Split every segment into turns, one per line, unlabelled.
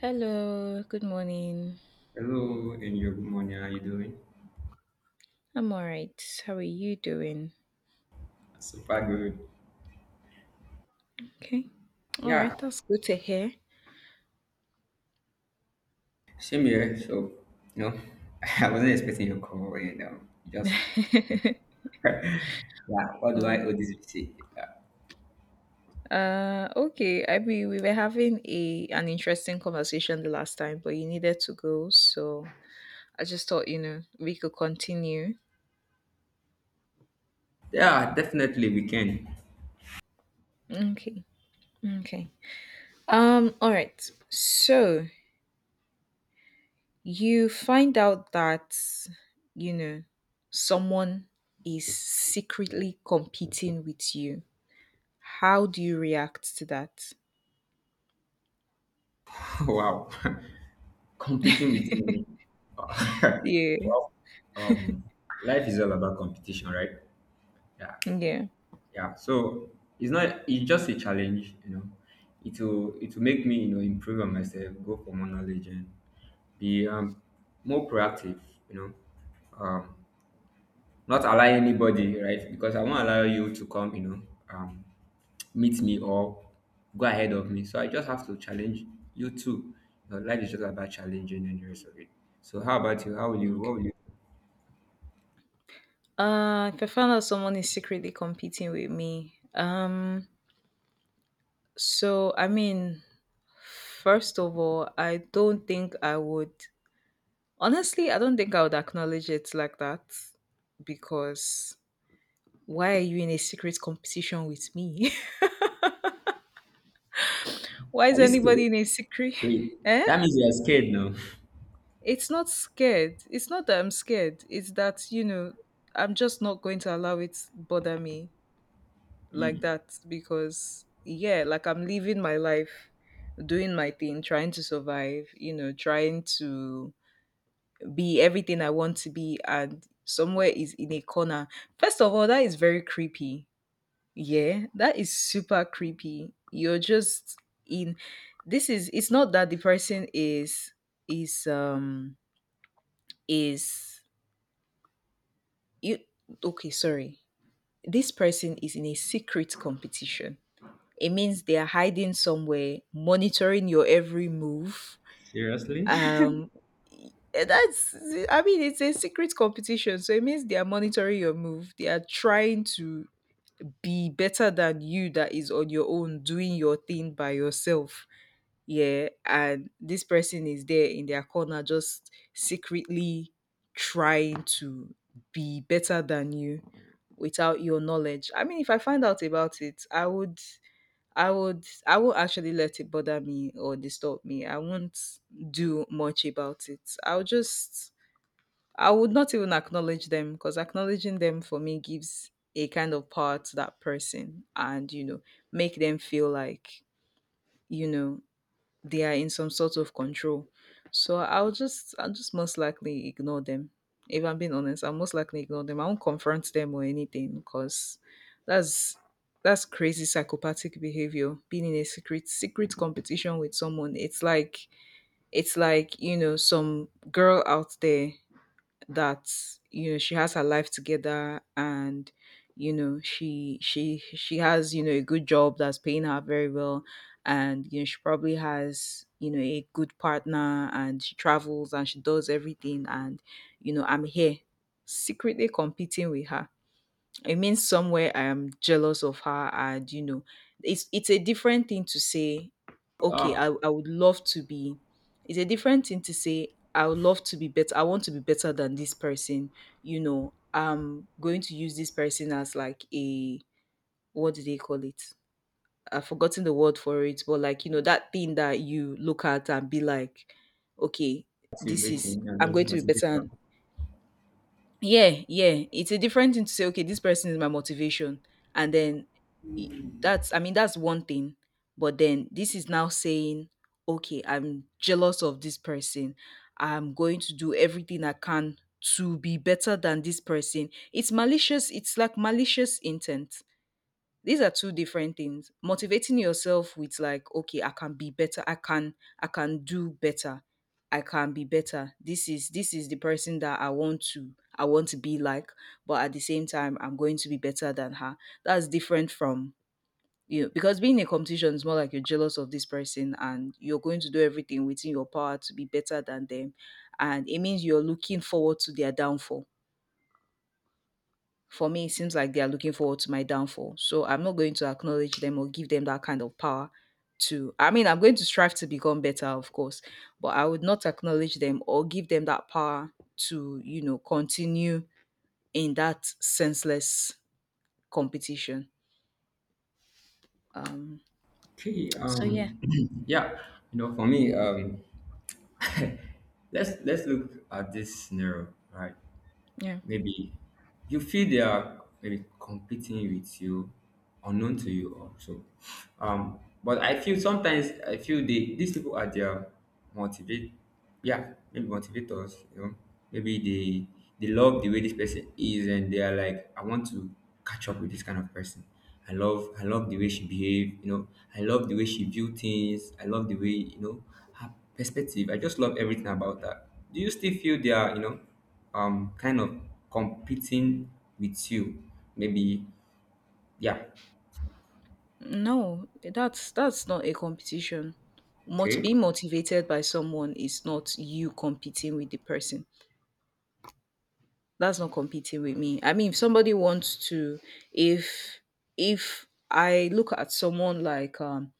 Hello, good morning.
Hello, Angel. Good morning. How you doing?
I'm all right. How are you doing?
Super good.
Okay. All
Yeah,
right, that's good to hear.
same here. So, you know, I wasn't expecting your call, and just yeah. What do I owe
oh,
this visit? Yeah,
okay. I mean, we were having a an interesting conversation the last time, but you needed to go, so I just thought, we could continue.
yeah, definitely we can.
Okay. Okay. All right. So, you find out that, you know, someone is secretly competing with you. How do you react to that?
wow, competing with me.
Yeah.
well, um, life is all about competition, right? Yeah,
Yeah.
yeah. So it's not. It's just a challenge. It will make me improve on myself, go for more knowledge, and be more proactive, you know, um, not allow anybody, right? Because I won't allow you to come, um, meet me or go ahead of me. So I just have to challenge you too. You know, life is just about challenging and the rest of it. So how about you? How will you?
Mm.
What will you?
If I found out someone is secretly competing with me, so I mean, first of all, I don't think I would. Honestly, I don't think I would acknowledge it like that because why are you in a secret competition with me? why
Are
is
you scared?
anybody in a secret?
Wait,
Eh?
that means you are scared now.
It's not scared. It's not that I'm scared. It's that you know I'm just not going to allow it bother me like
Mm,
that because yeah, like I'm living my life, doing my thing, trying to survive, you know, trying to be everything I want to be, and somewhere is in a corner. First of all, that is very creepy. Yeah, that is super creepy. You're just in, this is, it's not that the person is um is you. Okay, sorry, this person is in a secret competition. It means they are hiding somewhere, monitoring your every move.
seriously?
Um, that's, I mean, it's a secret competition. So it means they are monitoring your move. They are trying to be better than you, that is on your own, doing your thing by yourself. Yeah. And this person is there in their corner, just secretly trying to be better than you without your knowledge. I mean, if I find out about it, I would I won't actually let it bother me or disturb me. I won't do much about it. I would not even acknowledge them, because acknowledging them for me gives a kind of power to that person, and you know, make them feel like, you know, they are in some sort of control. So I'll just most likely ignore them. If I'm being honest, I'll most likely ignore them. I won't confront them or anything because that's that's crazy psychopathic behavior. Being in a secret competition with someone. It's like, you know, some girl out there that, you know, she has her life together, and you know she has, you know, a good job that's paying her very well, and you know she probably has, you know, a good partner, and she travels and she does everything. And you know I'm here secretly competing with her. It means somewhere I am jealous of her, and you know, it's a different thing to say, okay,
Uh,
I would love to be. It's a different thing to say, I would love to be better. I want to be better than this person. You know, I'm going to use this person as like a, what do they call it? I've forgotten the word for it, but like you know, that thing that you look at and be like, okay, this is,
activating. I
I'm
mean,
going to be
motivating.
better. Yeah, yeah. It's a different thing to say, okay, this person is my motivation. And then i- that's, I mean, that's one thing. But then this is now saying, okay, I'm jealous of this person. I'm going to do everything I can to be better than this person. It's malicious. It's like malicious intent. These are two different things. Motivating yourself with like, okay, I can be better. I can do better. I can be better. This is the person that I want to be like, but at the same time I'm going to be better than her. That's different from, you know, because being in a competition is more like you're jealous of this person and you're going to do everything within your power to be better than them. And it means you're looking forward to their downfall. For me, it seems like they are looking forward to my downfall. So I'm not going to acknowledge them or give them that kind of power to. I mean, I'm going to strive to become better, of course, but I would not acknowledge them or give them that power to, you know, continue in that senseless competition. Um,
Okay.
so yeah,
Yeah. You know, for me, let's look at this scenario, right?
yeah.
Maybe you feel they are maybe competing with you, unknown to you also. But I feel sometimes I feel they these people are their motivate, yeah, maybe motivators. You know, maybe they love the way this person is, and they are like, I want to catch up with this kind of person. I love the way she behaved. I love the way she view things. I love the way you know perspective. I just love everything about that. Do you still feel they are, kind of competing with you? Maybe, yeah.
No, that's not a competition. Being
Okay.
motivated by someone is not you competing with the person. That's not competing with me. I mean, if somebody wants to, if if I look at someone like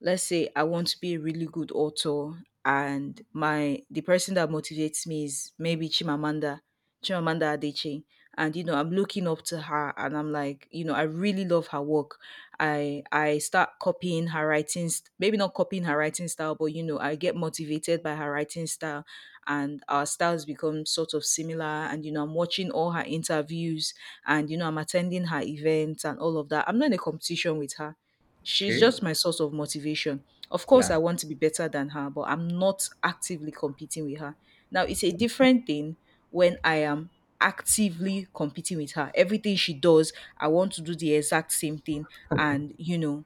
let's say I want to be a really good author, and my the person that motivates me is maybe Chimamanda, Chimamanda Adichie. And you know, I'm looking up to her and I'm like, you know, I really love her work. I start copying her writing, maybe not copying her writing style, but you know, I get motivated by her writing style, and our styles become sort of similar. And you know, I'm watching all her interviews, and you know, I'm attending her events and all of that. I'm not in a competition with her. She's
Okay.
just my source of motivation. Of course,
Yeah.
I want to be better than her, but I'm not actively competing with her. Now, it's a
That's
different thing when I am actively competing with her. Everything she does, I want to do the exact same thing. And, you know,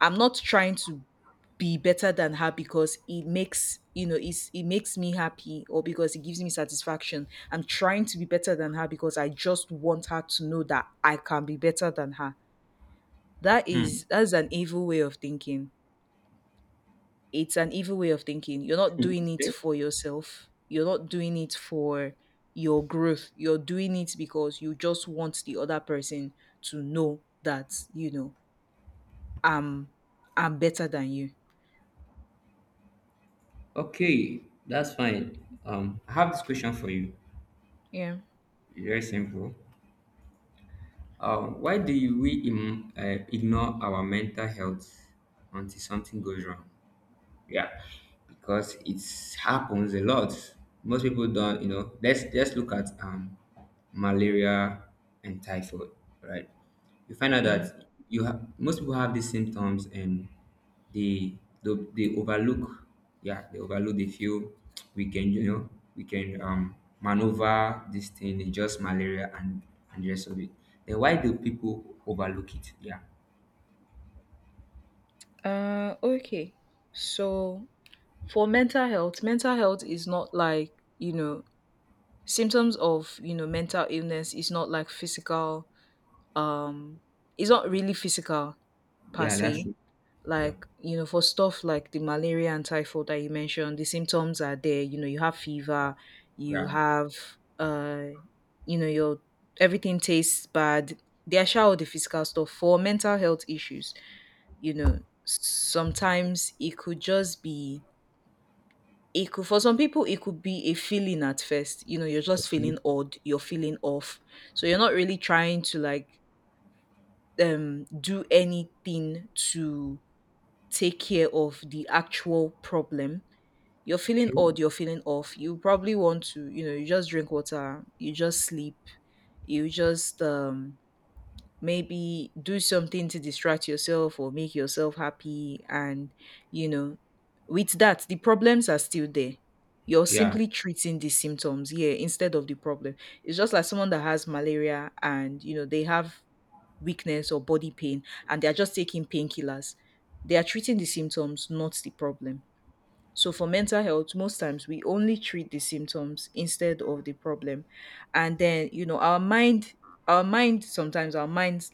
I'm not trying to be better than her because it makes, you know, it's, it makes me happy, or because it gives me satisfaction. I'm trying to be better than her because I just want her to know that I can be better than her. That
fine.
is, that's an evil way of thinking. It's an evil way of thinking. You're not
Hmm.
doing it
Okay.
for yourself. You're not doing it for your growth. You're doing it because you just want the other person to know that, you know, I'm I'm better than you.
Okay. That's fine. I have this question for you.
Yeah.
It's very simple. Why do we ignore our mental health until something goes wrong? Yeah, because it happens a lot. Most people don't, you know. Let's just look at malaria and typhoid, right? You find out
Mm.
that you have most people have these symptoms and they overlook. Yeah, they overlook. They feel we can, you know, we can maneuver this thing. It's just malaria and the rest of it. Then why do people overlook it? Yeah,
Okay. So for mental health is not like, you know, symptoms of, you know, mental illness is not like physical um it's not really physical per
yeah, that's
se,
true. Yeah,
like you know, for stuff like the malaria and typhoid that you mentioned, the symptoms are there. You know, you have fever, you
yeah.
have uh you know your everything tastes bad. They are sure, all the physical stuff. For mental health issues, you know, sometimes it could just be, it could, for some people it could be a feeling at first. You know, you're just feeling odd, you're feeling off, so you're not really trying to like do anything to take care of the actual problem. You're feeling
Okay.
odd, you're feeling off. You probably want to, you know, you just drink water, you just sleep, you just maybe do something to distract yourself or make yourself happy. And you know, with that, the problems are still there. You're
Yeah.
simply treating the symptoms, yeah, instead of the problem. It's just like someone that has malaria and you know they have weakness or body pain and they are just taking painkillers. They are treating the symptoms, not the problem. So for mental health, most times we only treat the symptoms instead of the problem. And then, you know, our mind, sometimes our minds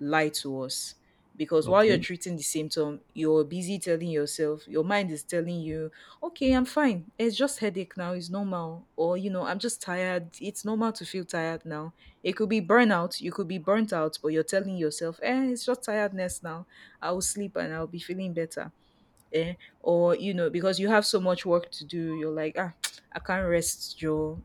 lie to us because while you're
Okay.
treating the symptom, you're busy telling yourself, your mind is telling you, okay, I'm fine. It's just headache now. It's normal. Or, you know, I'm just tired. It's normal to feel tired now. It could be burnout. You could be burnt out, but you're telling yourself, eh, it's just tiredness now. I will sleep and I'll be feeling better. Eh? Or you know, because you have so much work to do, you're like, ah, I can't rest joe,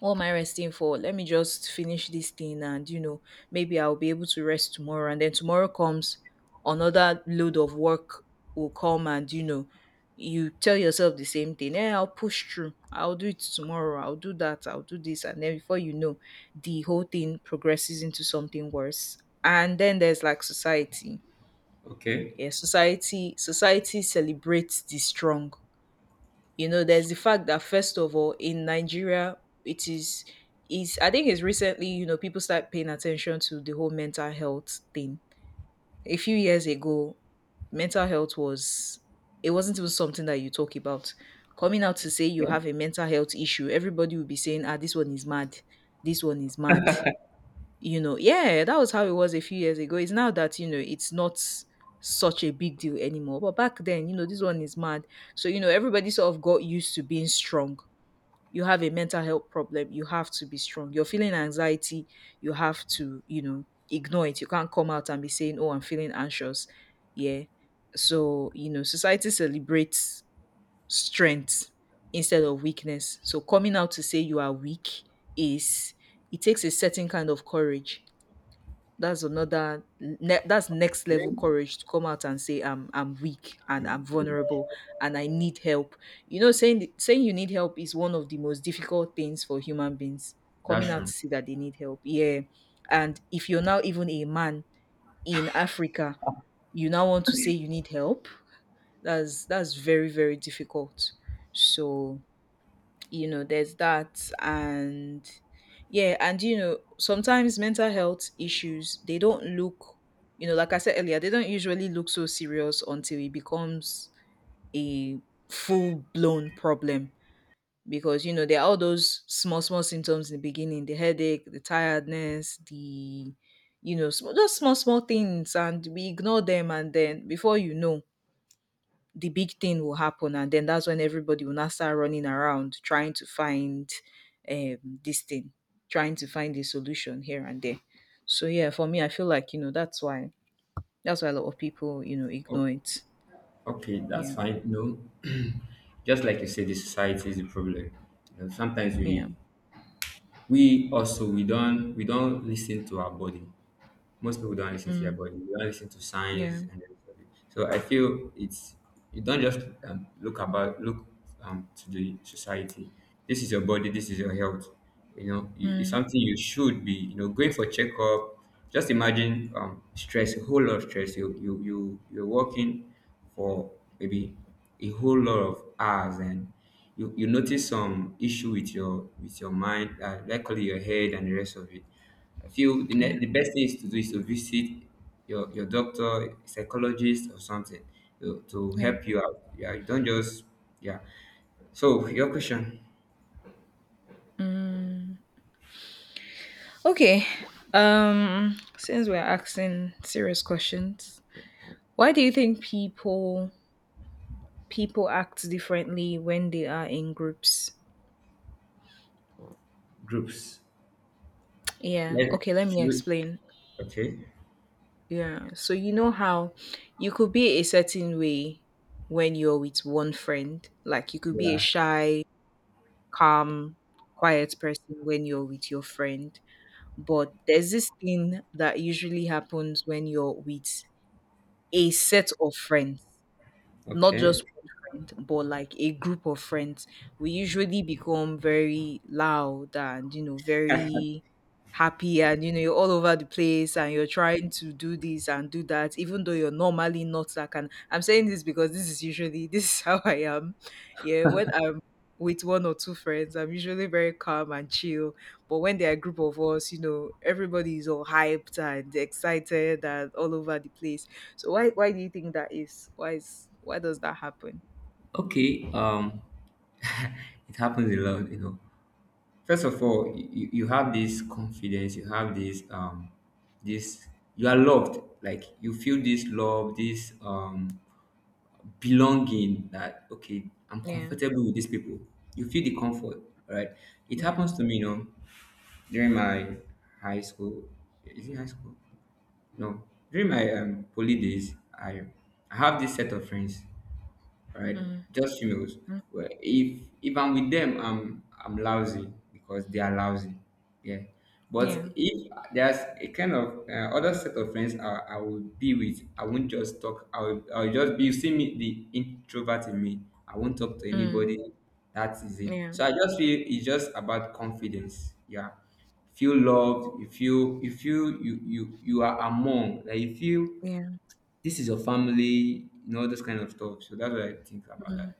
what am I resting for? Let me just finish this thing, and you know, maybe I'll be able to rest tomorrow. And then tomorrow comes, another load of work will come, and you know you tell yourself the same thing, eh, I'll push through, I'll do it tomorrow, I'll do that, I'll do this. And then before you know, the whole thing progresses into something worse. And then there's like society.
Okay.
Yeah, society celebrates the strong. You know, there's the fact that first of all in Nigeria, it is, I think it's recently, you know, people start paying attention to the whole mental health thing. A few years ago, mental health was it wasn't even something that you talk about. Coming out to say you
Yeah.
have a mental health issue, everybody will be saying, "Ah, this one is mad. This one is mad." You know, yeah, that was how it was a few years ago. It's now that, you know, it's not such a big deal anymore. But back then, this one is mad. So, everybody sort of got used to being strong. You have a mental health problem, you have to be strong. You're feeling anxiety, you have to, ignore it. You can't come out and be saying, "Oh, I'm feeling anxious." Yeah. So, society celebrates strength instead of weakness. So, coming out to say you are weak is it takes a certain kind of courage. That's next
Yeah.
level courage to come out and say I'm weak and I'm vulnerable and I need help. Saying saying you need help is one of the most difficult things for human beings, coming
That's
out
true.
to see that they need help. Yeah. And if you're now even a man in Africa, you now want to say you need help, that's very very difficult. So, there's that. And yeah, and sometimes mental health issues, they don't look, like I said earlier, they don't usually look so serious until it becomes a full blown problem, because there are all those small small symptoms in the beginning: the headache, the tiredness, the, just small small things, and we ignore them. And then before you know, the big thing will happen, and then that's when everybody will now start running around trying to find um this thing, trying to find a solution here and there. So yeah, for me, I feel like, that's why, a lot of people
O-
ignore it.
okay, that's
Yeah.
fine. No, just like you say, the society is the problem. You know, sometimes
Yeah.
we also we don't listen to our body. Most people don't listen to their
Mm,
body. They don't listen to
yeah.
signs and everything. So I feel it's you don't just look to the society. This is your body. This is your health. You know, you, it's
Mm,
something you should be. You know, going for checkup. Just imagine stress, a whole lot of stress. You're working for maybe a whole lot of hours, and you notice some issue with your mind, likely your head and the rest of it. I feel the,
yeah.
ne- the best thing is to do is to visit your doctor, psychologist, or something to
Yeah.
help you out. Yeah, you don't just, yeah. So, your question
Mm. Okay. Since we're asking serious questions, why do you think people act differently when they are in groups?
groups.
Yeah,
Let,
okay, let me explain.
okay.
Yeah. So you know how you could be a certain way when you're with one friend. Like you could be a
Yeah.
shy, calm, quiet person when you're with your friend. But there's this thing that usually happens when you're with a set of friends, not
Okay.
just one friend, but like a group of friends, we usually become very loud and, very happy and, you're all over the place and you're trying to do this and do that, even though you're normally not that kind. I'm saying this because this is usually, this is how I am. Yeah. When I'm with one or two friends, I'm usually very calm and chill. But when there are a group of us, everybody is all hyped and excited and all over the place. So, why do you think that is? Why does that happen?
Okay. It happens a lot, you know. First of all, you have this confidence, you have this, this, you are loved. Like, you feel this love, this, belonging, that okay, I'm
Yeah,
comfortable with these people. You feel the comfort, right? It
yeah,
happens to me, you know, during my high school. Is it high school? No. During my poly days, I have this set of friends, right?
mm,
Just you know,
mm,
well, if I'm with them, I'm lousy because they are lousy. Yeah, but
yeah,
if there's a kind of other set of friends I will be with, I won't just talk. I'll just be. You see me, the introvert in me. I won't talk to
mm,
anybody. That is it.
yeah,
So I just feel it's just about confidence. Yeah, feel loved, you feel you are among, like you feel
yeah.
this is your family, you know, those kind of stuff. So that's what I think about that.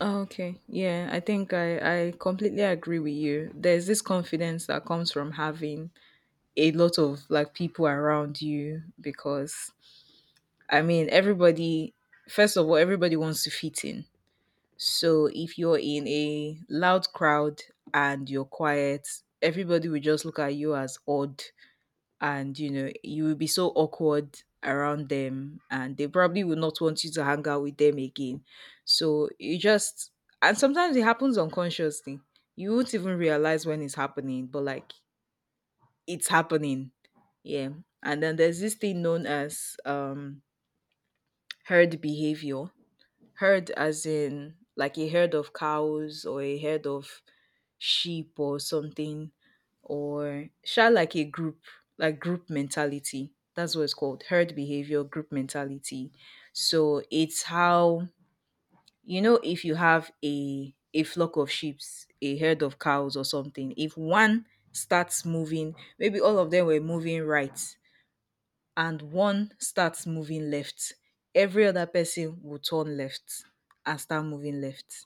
Oh, okay, yeah. I think I completely agree with you. There's this confidence that comes from having a lot of like people around you, because I mean, everybody. First of all, everybody wants to fit in. So if you're in a loud crowd and you're quiet, everybody will just look at you as odd, and you will be so awkward around them and they probably will not want you to hang out with them again. So you just, and sometimes it happens unconsciously, you won't even realize when it's happening, but like, it's happening. Yeah. And then there's this thing known as herd behavior. Herd, as in like a herd of cows or a herd of sheep or something, or sha, like a group, like group mentality. That's what it's called: herd behavior, group mentality. So it's how, if you have a flock of sheep, a herd of cows or something, if one starts moving, maybe all of them were moving right, and one starts moving left, every other person will turn left and start moving left.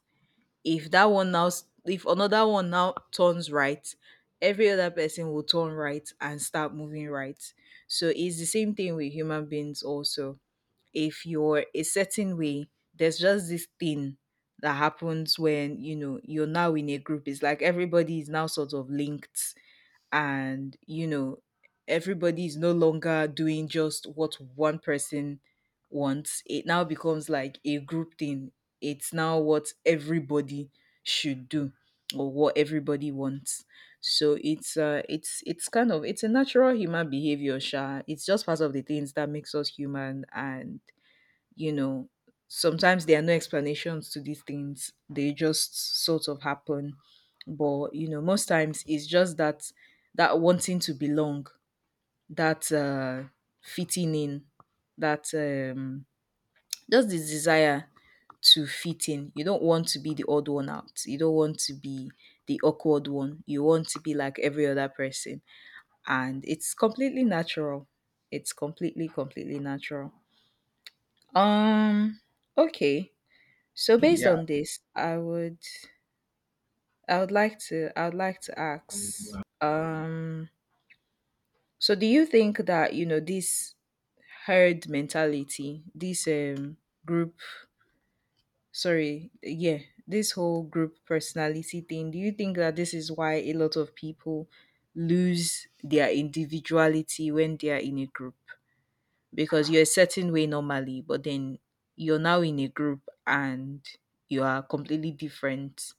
If that one now s- If another one now turns right, every other person will turn right and start moving right. So it's the same thing with human beings also. If you're a certain way, there's just this thing that happens when, you're now in a group. It's like everybody is now sort of linked, and, everybody is no longer doing just what one person wants. It now becomes like a group thing. It's now what everybody should do, or what everybody wants. So it's kind of, it's a natural human behavior, sha. It's just part of the things that makes us human. And, you know sometimes there are no explanations to these things, they just sort of happen. But most times it's just that, that wanting to belong, that fitting in, that just this desire to fit in. You don't want to be the odd one out, you don't want to be the awkward one, you want to be like every other person. And it's completely natural. It's completely completely natural. um okay. So based
Yeah.
on this, I would like to ask, so do you think that, this herd mentality, this group, sorry, yeah, this whole group personality thing, do you think that this is why a lot of people lose their individuality when they are in a group? Because you're a certain way normally, but then you're now in a group and you are completely different.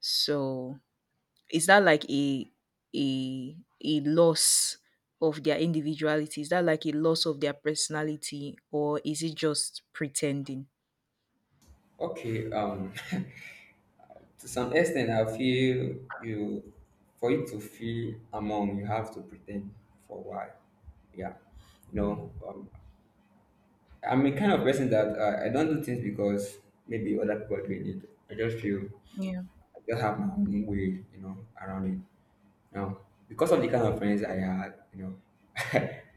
So, is that like a a a loss of their individuality? Is that like a loss of their personality, or is it just pretending?
Okay. To some extent, I feel you, for you to feel among, you have to pretend for a while. Yeah. You know, I'm a kind of person that I don't do things because maybe other people are doing it. I just feel
Yeah.
I just have my own way, you know, around it. You, because of the kind of friends I had, you know,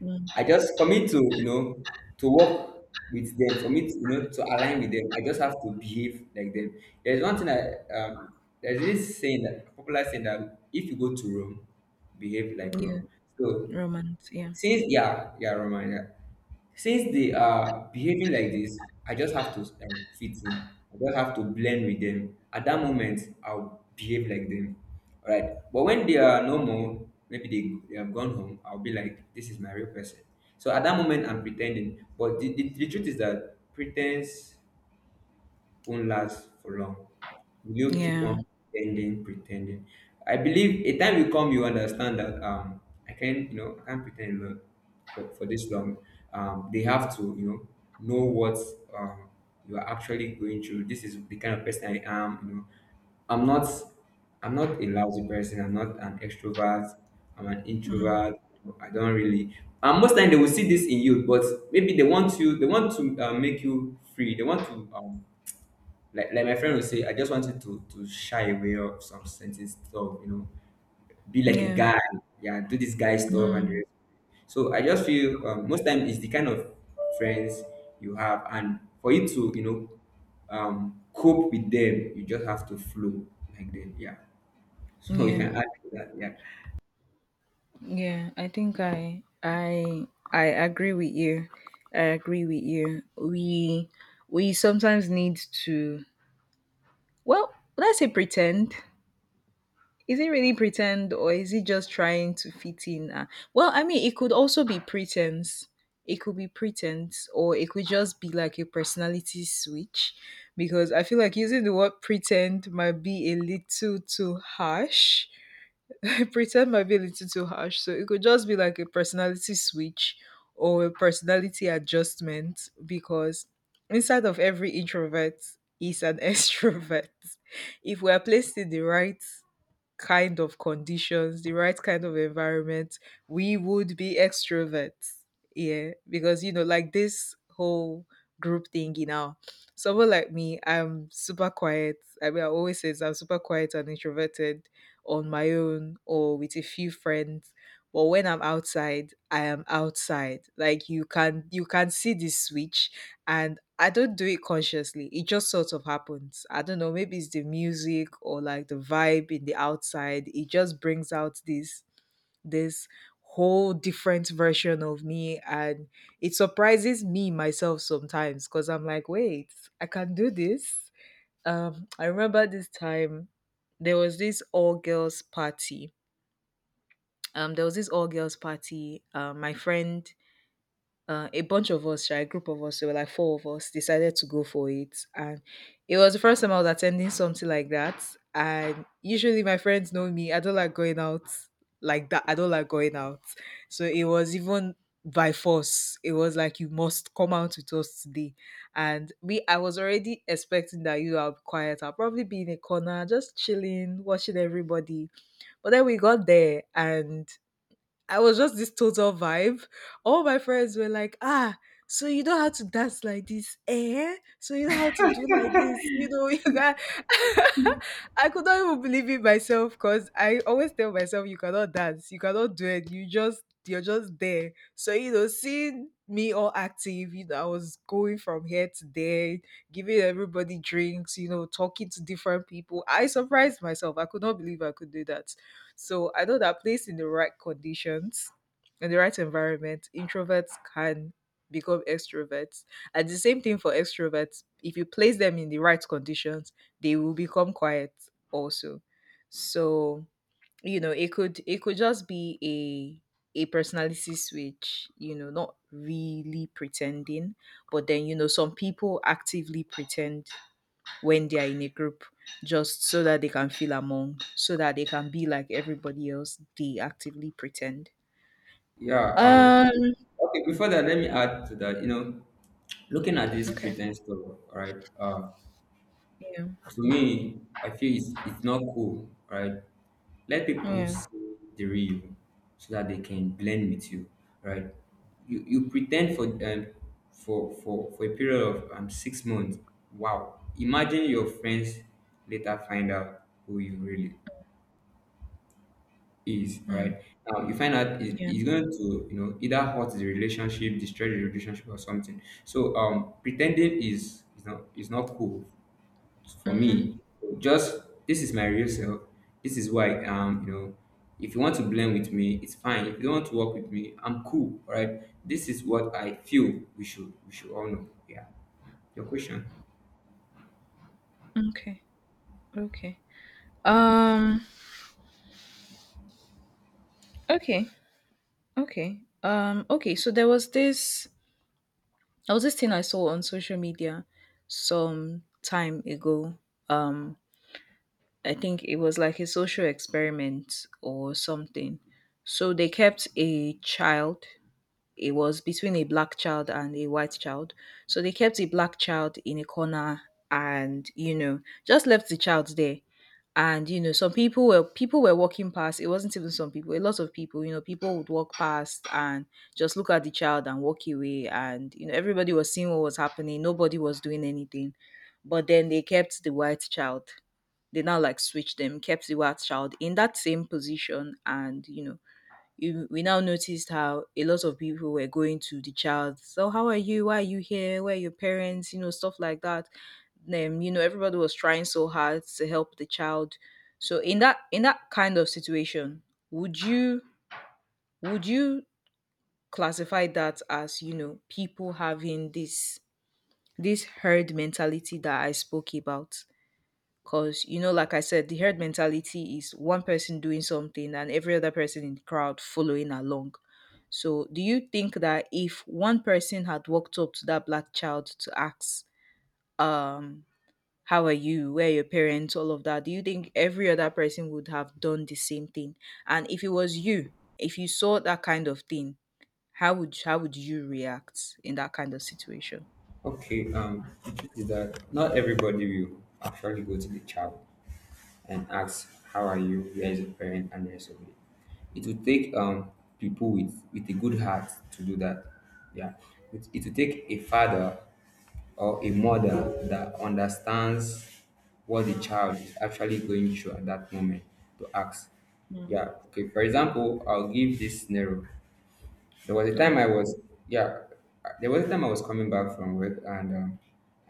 Mm.
I just for me to to work with them, for me to to align with them, I just have to behave like them. There's one thing that there's this saying, that popular saying, that if you go to Rome, behave like
Yeah.
Rome. So
Romance. Yeah.
since yeah, yeah, reminder, since they are behaving like this, I just have to fit in. I just have to blend with them. At that moment, I'll behave like them. All right, but when they are no more, maybe they have gone home, I'll be like, this is my real person. So at that moment, I'm pretending, but the truth is that pretense won't last for long. Will you keep
Yeah.
on pretending, pretending? I believe a time will come you understand that I can't pretend for this long. They have to, you know what um you are actually going through. This is the kind of person I am, you know. I'm not I'm not a lousy person. I'm not an extrovert. I'm an
Mm.
introvert. I don't really. And most time they will see this in you, but maybe they want you. They want to make you free. They want to like my friend would say, I just wanted to shy away of some certain stuff, you know, be like a
Yeah.
guy, yeah, do this guy stuff and the
Mm.
rest. So I just feel most time it's the kind of friends you have, and for you to cope with them, you just have to flow like them, yeah. So you
Yeah.
can add to that, yeah,
Yeah. I think I agree with you. I agree with you. We sometimes need to, well, let's say, pretend. Is it really pretend or is it just trying to fit in? Well, I mean, it could also be pretense. It could be pretense, or it could just be like a personality switch, because I feel like using the word pretend might be a little too harsh. pretend might be a little too harsh. So it could just be like a personality switch or a personality adjustment, because inside of every introvert is an extrovert. If we are placed in the right kind of conditions, the right kind of environment, we would be extroverts. Yeah. Because, like this whole group thingy now, someone like me, I'm super quiet. I mean, I always say this, I'm super quiet and introverted on my own or with a few friends. But when I'm outside, I am outside. Like, you can see the switch, and I don't do it consciously. It just sort of happens. I don't know, maybe it's the music or like the vibe in the outside. It just brings out this whole different version of me, and it surprises me myself sometimes because I'm like, "Wait, I can do this." I remember this time, there was this all girls party. There was this all girls party. My friend A bunch of us, right, a group of us, there were like four of us, decided to go for it. And it was the first time I was attending something like that. And usually my friends know me, I don't like going out like that. I don't like going out. So it was even by force. It was like, "You must come out with us today." And me, I was already expecting that, you are quiet, I'll probably be in a corner, just chilling, watching everybody. But then we got there, and I was just this total vibe. All my friends were like, "Ah, so you know how to dance like this, eh? So you know how to do like this, you know?" You can... I could not even believe it myself, because I always tell myself, you cannot dance, you cannot do it. You're just there. So, seeing me all active, I was going from here to there, giving everybody drinks, talking to different people. I surprised myself. I could not believe I could do that. So I know that placed in the right conditions, in the right environment, introverts can become extroverts. And the same thing for extroverts. If you place them in the right conditions, they will become quiet also. So, it could just be a personality switch, not really pretending, but then some people actively pretend when they are in a group, just so that they can feel among, so that they can be like everybody else, they actively pretend.
yeah.
Um
Okay. Before that, let me add to that. You know, looking at this
okay.
pretense stuff, all right.
Yeah.
To me, I feel it's not cool, right? Let people
Yeah.
see the real, so that they can blend with you, right? You pretend for a period of 6 months. Wow! Imagine your friends later find out who you really is. All
Mm,
right. Now you find out it,
yeah.
it's going to, either hurt the relationship, destroy the relationship, or something. So pretending is you know is not cool for me, just this is my real self. This is why you know, if you want to blend with me, it's fine. If you don't want to work with me, I'm cool. All right. This is what I feel we should all know. Yeah. Your question.
Okay. Okay. Um okay. Okay. Okay, so there was this thing I saw on social media some time ago. Um I think it was like a social experiment or something. So they kept a child, it was between a black child and a white child. So they kept a black child in a corner and, you know, just left the child there. And, you know, some people were walking past. It wasn't even some people, a lot of people, you know, people would walk past and just look at the child and walk away. And, you know, everybody was seeing what was happening. Nobody was doing anything. But then they kept the white child, they now like switched them, kept the white child in that same position, and you know, we now noticed how a lot of people were going to the child. So, how are you? Why are you here? Where are your parents? You know, stuff like that. Then, you know, everybody was trying so hard to help the child. So, in that kind of situation, would you would you classify that as you know people having this herd mentality that I spoke about? Because, you know, like I said, the herd mentality is one person doing something and every other person in the crowd following along. So, do you think that if one person had walked up to that black child to ask, um, how are you, where are your parents, all of that, do you think every other person would have done the same thing? And if it was you, if you saw that kind of thing, how would you react in that kind of situation?
Okay. The truth is that not everybody will actually go to the child and ask how are you, where is your parent, and the rest of it. It will take people with a good heart to do that. Yeah. It will take a father or a mother that understands what the child is actually going through at that moment to ask.
Mm.
Yeah, okay. For example, I'll give this scenario. There was a
Yeah.
time I was, yeah, there was a time I was coming back from work, and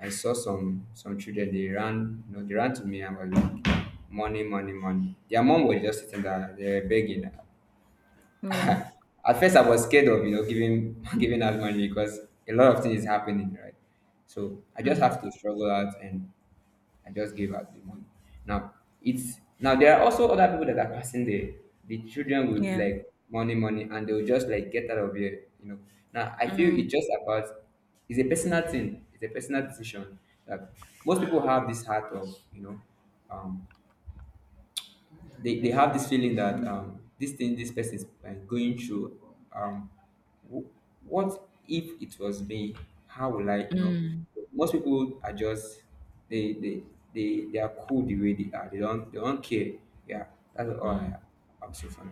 I saw some children. They ran, you know, they ran to me and were like, "Money, money, money." Their mom was just sitting there, they were begging.
Yeah.
At first, I was scared of giving giving out money because a lot of things is happening, right? So I just have
Hmm.
to struggle out and I just gave out the money. Now it's now there are also other people that are passing there. The children will be
Yeah.
like, money, money, and they'll just like, get out of here, you know. Now I feel
Mm.
it's just about it's a personal thing, it's a personal decision, that most people have this heart of, you know, um they have this feeling that, this thing this person is going through, um, wh- what if it was me, how will I, you know,
Mm.
most people are just, they they they are cool the way they are, they don't care, yeah, that's all I
Mm.
have, I'll say for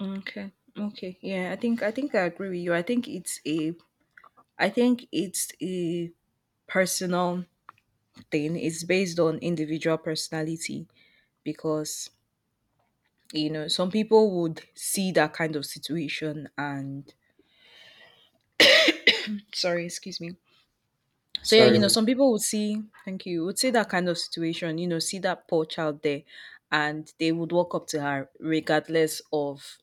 Okay. Okay, yeah. I think I agree with you. I think it's a I think it's a personal thing, is based on individual personality because you know some people would see that kind of situation and sorry, excuse me, so yeah, you know
sorry,
some people would see, thank you, would see that kind of situation, you know, see that poor child there and they would walk up to her regardless of,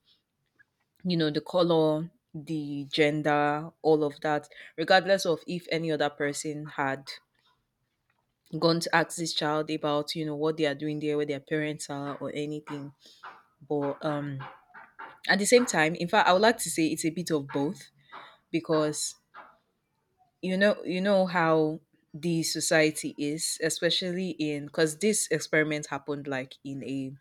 you know, the color, the gender, all of that, regardless of if any other person had gone to ask this child about, you know, what they are doing there, where their parents are or anything. But at the same time, in fact, I would like to say it's a bit of both because you know, you know how the society is, especially in, because this experiment happened like in a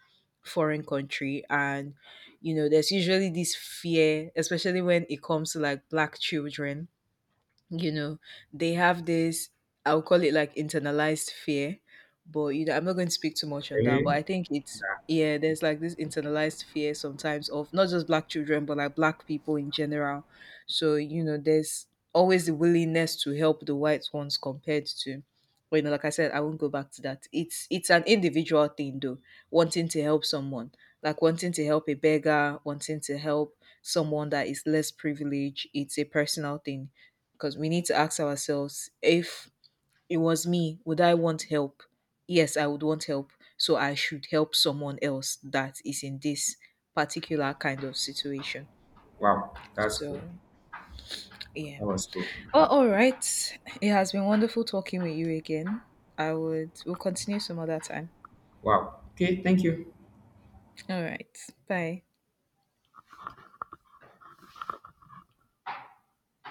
foreign country, and you know there's usually this fear, especially when it comes to like black children, you know, they have this, I'll call it like internalized fear, but you know, I'm not going to speak too much on that. But
okay.
I think it's, yeah, there's like this internalized fear sometimes of not just black children, but like black people in general. So, you know, there's always the willingness to help the white ones compared to, but you know, like I said, I won't go back to that. It's an individual thing though, wanting to help someone, like wanting to help a beggar, wanting to help someone that is less privileged. It's a personal thing because we need to ask ourselves, if it was me, would I want help? Yes, I would want help. So I should help someone else that is in this particular kind of situation.
Wow, that's
So,
cool.
yeah.
That was cool, yeah.
Oh, all right. It has been wonderful talking with you again. I would, we'll continue some other time.
Wow, okay, thank you.
All right. Bye.